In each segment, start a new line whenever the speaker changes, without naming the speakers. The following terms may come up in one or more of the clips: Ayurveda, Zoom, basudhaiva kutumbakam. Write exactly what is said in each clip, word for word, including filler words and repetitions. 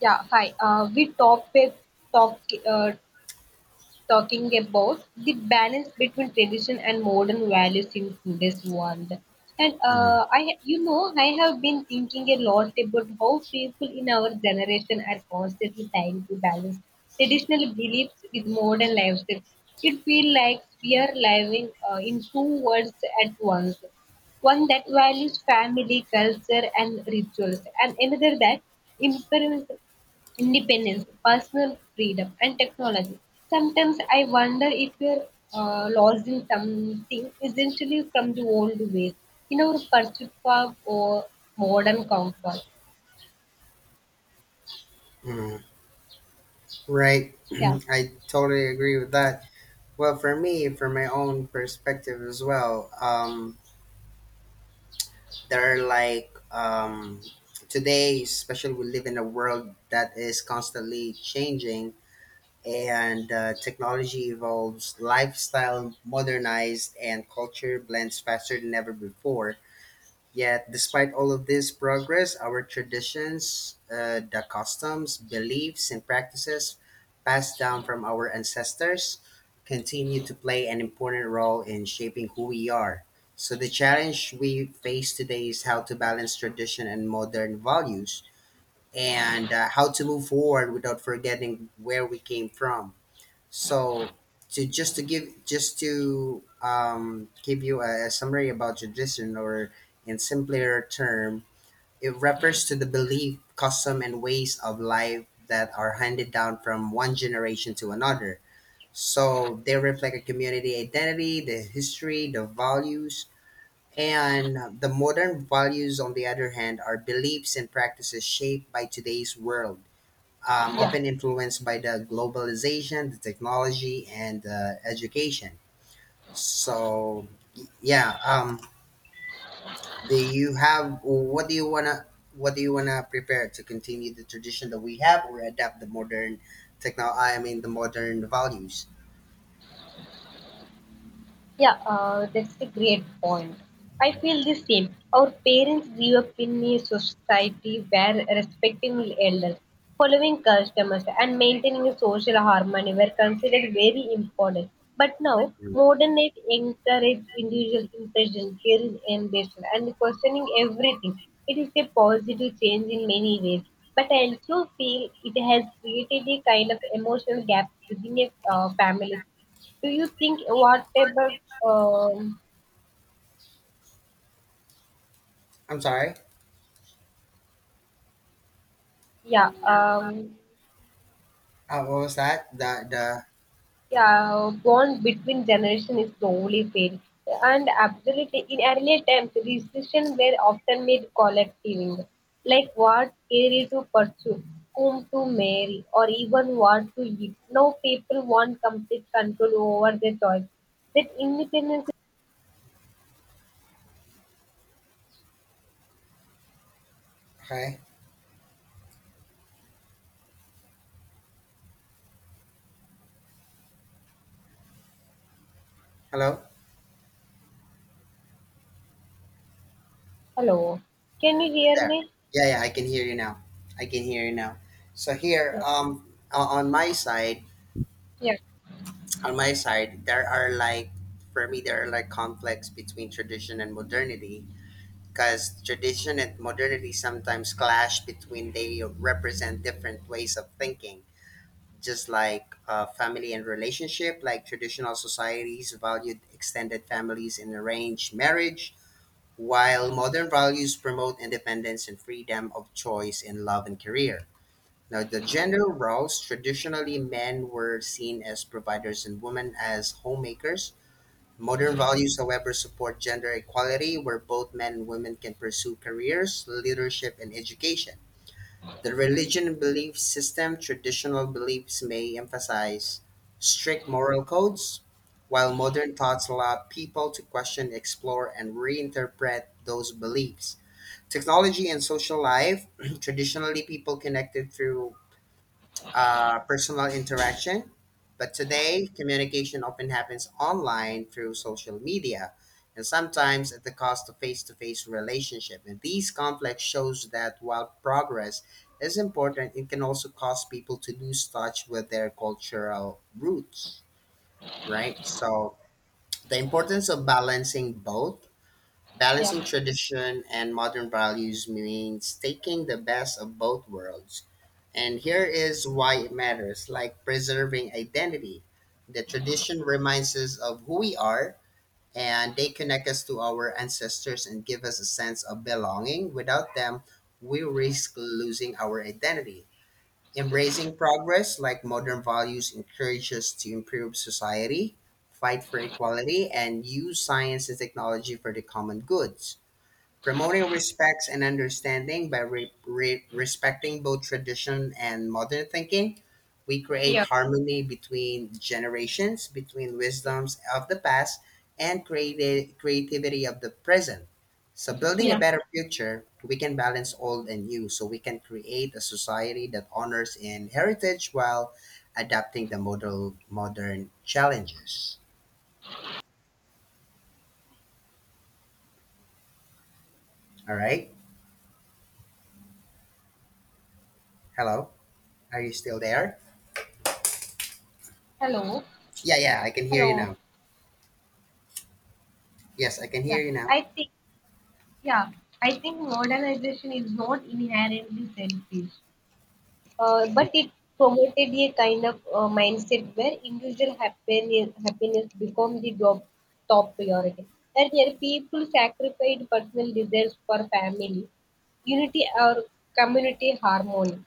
Yeah, hi. Uh, we talk with talk uh, talking about the balance between tradition and modern values in today's world. And
Mm,
uh, I, ha- you know, I have been thinking a lot about how people in our generation are constantly trying to balance traditional beliefs with modern lifestyle. It feels like we are living uh, in two worlds at once, one that values family, culture, and rituals, and another that imperils independence, personal freedom, and technology. Sometimes I wonder if we're uh, lost in something essentially from the old ways in our pursuit for uh, modern comfort.
mm, Right.
Yeah,
I totally agree with that. Well, for me, from my own perspective as well, um, there are like um, today, especially we live in a world that is constantly changing and uh, technology evolves, lifestyle modernized, and culture blends faster than ever before. Yet, despite all of this progress, our traditions, uh, the customs, beliefs, and practices passed down from our ancestors continue to play an important role in shaping who we are. So, the challenge we face today is how to balance tradition and modern values and uh, how to move forward without forgetting where we came from. So, to just to give just to um, give you a, a summary about tradition, or in simpler term, it refers to the belief, custom, and ways of life that are handed down from one generation to another. So they reflect a community identity, the history, the values, and the modern values. On the other hand, are beliefs and practices shaped by today's world um,
yeah.
often influenced by the globalization, the technology, and uh, education. So, y- yeah. Um, do you have what do you wanna what do you wanna prepare to continue the tradition that we have, or adapt the modern techno? I mean, the modern values.
Yeah, uh, that's a great point. I feel the same. Our parents grew up in a society where respecting elders, following customers, and maintaining a social harmony were considered very important. But now,
Mm.
modern life encourages individual intention, caring ambition, and questioning everything. It is a positive change in many ways, but I also feel it has created a kind of emotional gap within a uh, family. Do you think whatever, um,
I'm sorry.
yeah, um,
Uh, what was that? The the
yeah, bond between generation is slowly fading? And absolutely, in earlier times, decisions were often made collectively, like what career to pursue, whom to marry, or even what to eat. Now people want complete control over their choice. That independence.
okay. Hello.
Hello, can you hear
There.
me?
Yeah, yeah. I can hear you now. I can hear you now. So here,
No.
um, o- on my side,
Yeah,
on my side, there are like for me there are like conflicts between tradition and modernity because tradition and modernity sometimes clash between they represent different ways of thinking, just like uh, family and relationship like traditional societies valued extended families and arranged marriage while modern values promote independence and freedom of choice in love and career. Now, the gender roles, traditionally men were seen as providers and women as homemakers. Modern values, however, support gender equality where both men and women can pursue careers, leadership, and education. The religion and belief system, traditional beliefs may emphasize strict moral codes, while modern thoughts allow people to question, explore, and reinterpret those beliefs. Technology and social life, traditionally, people connected through uh, personal interaction. But today, communication often happens online through social media and sometimes at the cost of face to face relationship. And these conflicts shows that while progress is important, it can also cause people to lose touch with their cultural roots, right? So the importance of balancing both. Balancing
yeah,
tradition and modern values means taking the best of both worlds. And here is why it matters, like preserving identity. The tradition reminds us of who we are, and they connect us to our ancestors and give us a sense of belonging. Without them, we risk losing our identity. Embracing progress, like modern values, encourage us to improve society, fight for equality, and use science and technology for the common good. Promoting respects and understanding by re- re- respecting both tradition and modern thinking, we create
yeah,
harmony between generations, between wisdoms of the past and creative- creativity of the present. So, building a
yeah.
better future, we can balance old and new so we can create a society that honors in heritage while adapting the model, modern challenges. All right. Hello. Are you still there?
Hello,
Yeah, yeah, I can hear you
hello.
now. Yes, I can hear
Yeah,
you now.
I think. Yeah, I think modernization is not inherently selfish, uh, but it promoted a kind of uh, mindset where individual happiness, happiness become the top, top priority. That there people sacrifice personal desires for family, unity or community harmony.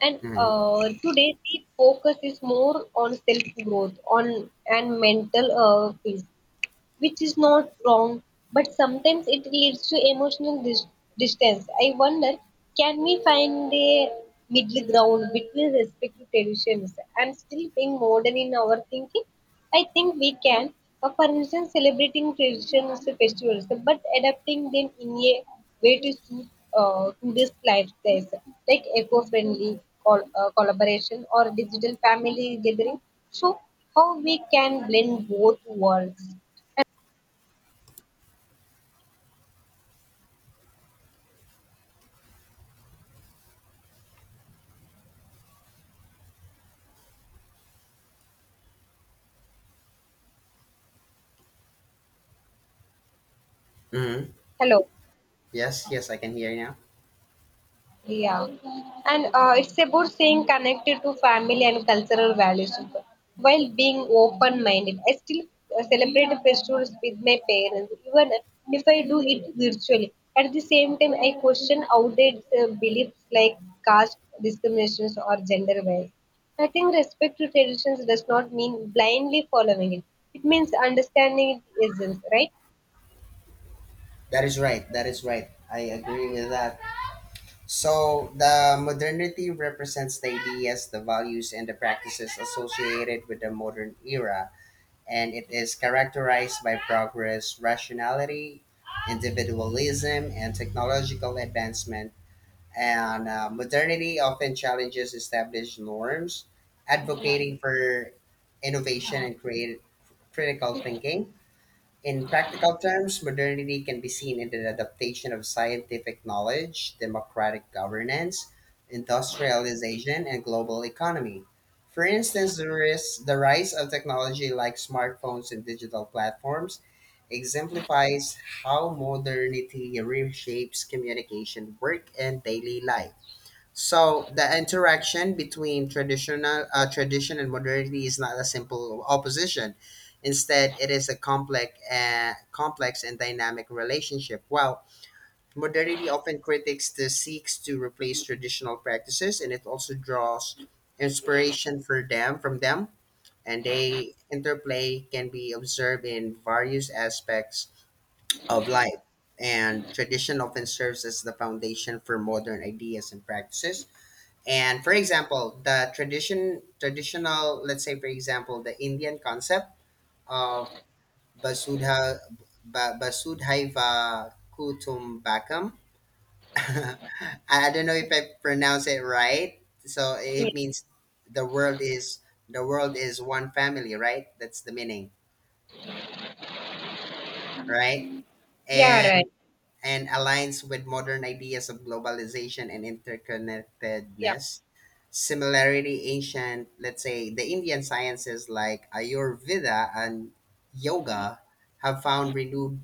And
Hmm.
uh, today the focus is more on self growth on and mental uh, peace, which is not wrong, but sometimes it leads to emotional dis- distance. I wonder, can we find a middle ground between respective traditions and still being modern in our thinking? I think we can. Uh, For instance, celebrating traditions and festivals, but adapting them in a way to suit uh, today's lifestyles, like eco-friendly col- uh, collaboration or digital family gathering. So, how we can blend both worlds?
Hmm.
Hello.
Yes, yes, I can hear you now.
Yeah. And uh, it's about staying connected to family and cultural values while being open minded. I still uh, celebrate festivals with my parents, even if I do it virtually. At the same time, I question outdated uh, beliefs like caste discriminations or gender bias. I think respect to traditions does not mean blindly following it, it means understanding its essence, right?
That is right. That is right. I agree with that. So the modernity represents the ideas, the values, and the practices associated with the modern era, and it is characterized by progress, rationality, individualism, and technological advancement. And uh, modernity often challenges established norms, advocating for innovation and create critical thinking. In practical terms, modernity can be seen in the adaptation of scientific knowledge, democratic governance, industrialization, and global economy. For instance, the, ris- the rise of technology like smartphones and digital platforms exemplifies how modernity reshapes communication, work, and daily life. So the interaction between traditional uh, tradition and modernity is not a simple opposition. Instead, it is a complex, uh, complex and dynamic relationship. While modernity often critics the seeks to replace traditional practices, and it also draws inspiration for them from them, and they interplay can be observed in various aspects of life. And tradition often serves as the foundation for modern ideas and practices and for example, the tradition traditional, let's say for example, the Indian concept of basudha ba, basudhaiva kutumbakam. I don't know if I pronounce it right. So it means the world is the world is one family, right? That's the meaning, right?
Yeah,
And
right.
and aligns with modern ideas of globalization and
Yeah.
interconnectedness. Similarly, ancient, let's say, the Indian sciences like Ayurveda and yoga have found renewed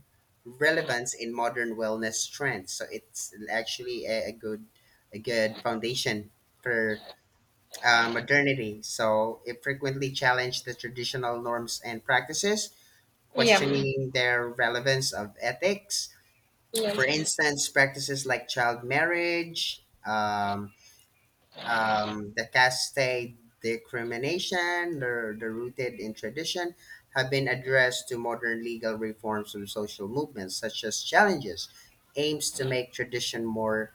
relevance in modern wellness trends. So it's actually a, a good, a good foundation for uh, modernity. So it frequently challenged the traditional norms and practices,
Yeah.
questioning their relevance of ethics. For
Yeah.
instance, practices like child marriage, um, um, the caste discrimination, they're, they're rooted in tradition, have been addressed to modern legal reforms and social movements, such as challenges, aims to make tradition more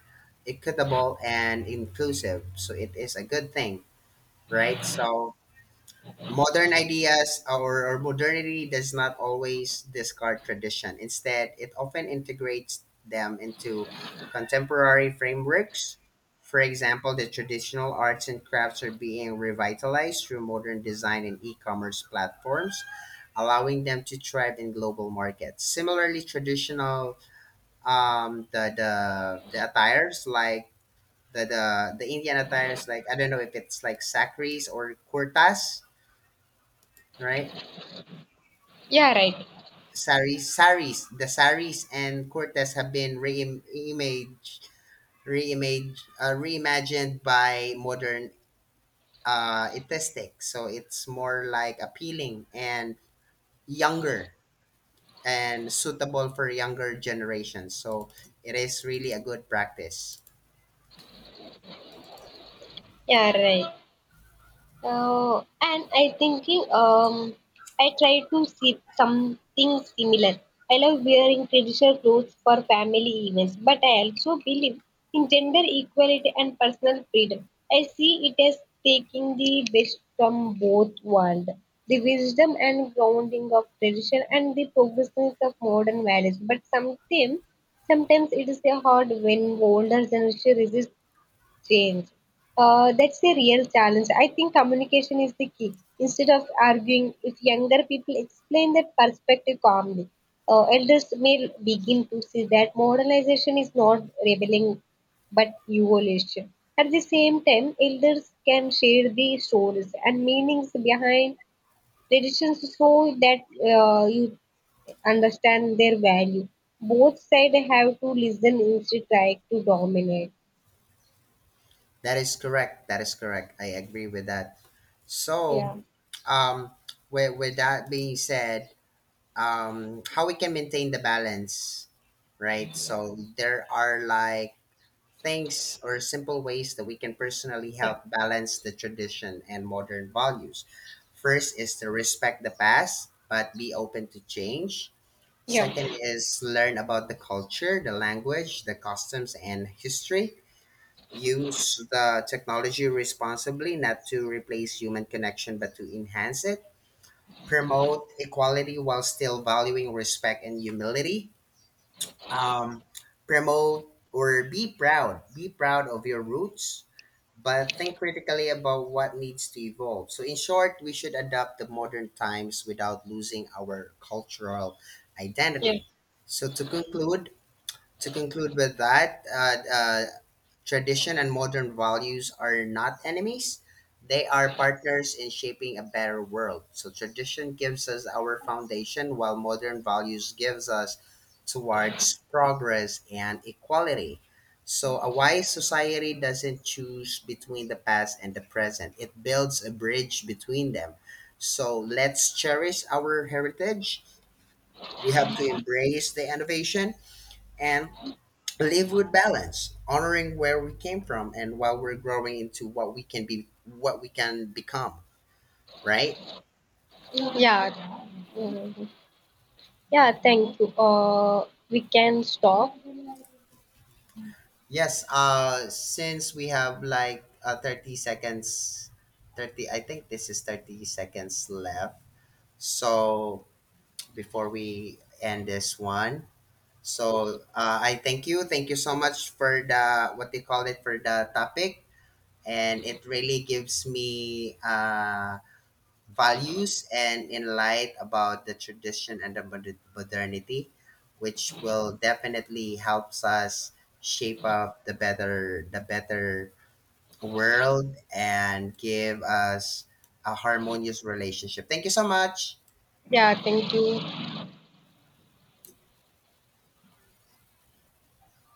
equitable and inclusive. So it is a good thing, right? So modern ideas or, or modernity does not always discard tradition. Instead, it often integrates them into contemporary frameworks. For example, the traditional arts and crafts are being revitalized through modern design and e commerce platforms, allowing them to thrive in global markets. Similarly, traditional um, the, the, the attires like the, the, the Indian attires, like I don't know if it's like sakris or kurtas, right?
Yeah, right.
saris, saris, the saris and Cortez have been reimaged, reimaged, uh, reimagined by modern uh, aesthetics. So it's more like appealing and younger and suitable for younger generations. So it is really a good practice.
Yeah, right. Uh, and I thinking um I try to see something similar. I love wearing traditional clothes for family events, but I also believe in gender equality and personal freedom. I see it as taking the best from both worlds, the wisdom and grounding of tradition and the progressiveness of modern values. But sometimes sometimes it is a hard when older generation resist change. Uh, that's the real challenge. I think communication is the key. Instead of arguing, if younger people explain their perspective calmly, uh, elders may begin to see that modernization is not rebelling but evolution. At the same time, elders can share the stories and meanings behind traditions so that uh, you understand their value. Both sides have to listen instead of trying to dominate.
That is correct. That is correct. I agree with that. So,
Yeah.
um, with, with that being said, um, how we can maintain the balance, right? So there are like things or simple ways that we can personally
Yeah.
help balance the tradition and modern values. First is to respect the past, but be open to change. Second
Yeah,
is learn about the culture, the language, the customs, and history. Use the technology responsibly, not to replace human connection, but to enhance it. Promote equality while still valuing respect and humility. Um, promote or Be proud Be proud of your roots, but think critically about what needs to evolve. So, in short, we should adapt the modern times without losing our cultural
yeah,
identity. So, to conclude, to conclude with that, uh, uh, tradition and modern values are not enemies. They are partners in shaping a better world. So tradition gives us our foundation, while modern values gives us towards progress and equality. So a wise society doesn't choose between the past and the present. It builds a bridge between them. So let's cherish our heritage. We have to embrace the innovation and live with balance, honoring where we came from and while we're growing into what we can be what we can become, right?
yeah. Mhm. Yeah, thank you. Uh, we can stop.
Yes, uh since we have like uh, thirty seconds, 30 I think this is thirty seconds left. So before we end this one, so uh, I thank you. Thank you so much for the what they call it for the topic and it really gives me uh values and in light about the tradition and the mod- modernity, which will definitely helps us shape up the better the better world and give us a harmonious relationship. Thank you so much.
Yeah, thank you.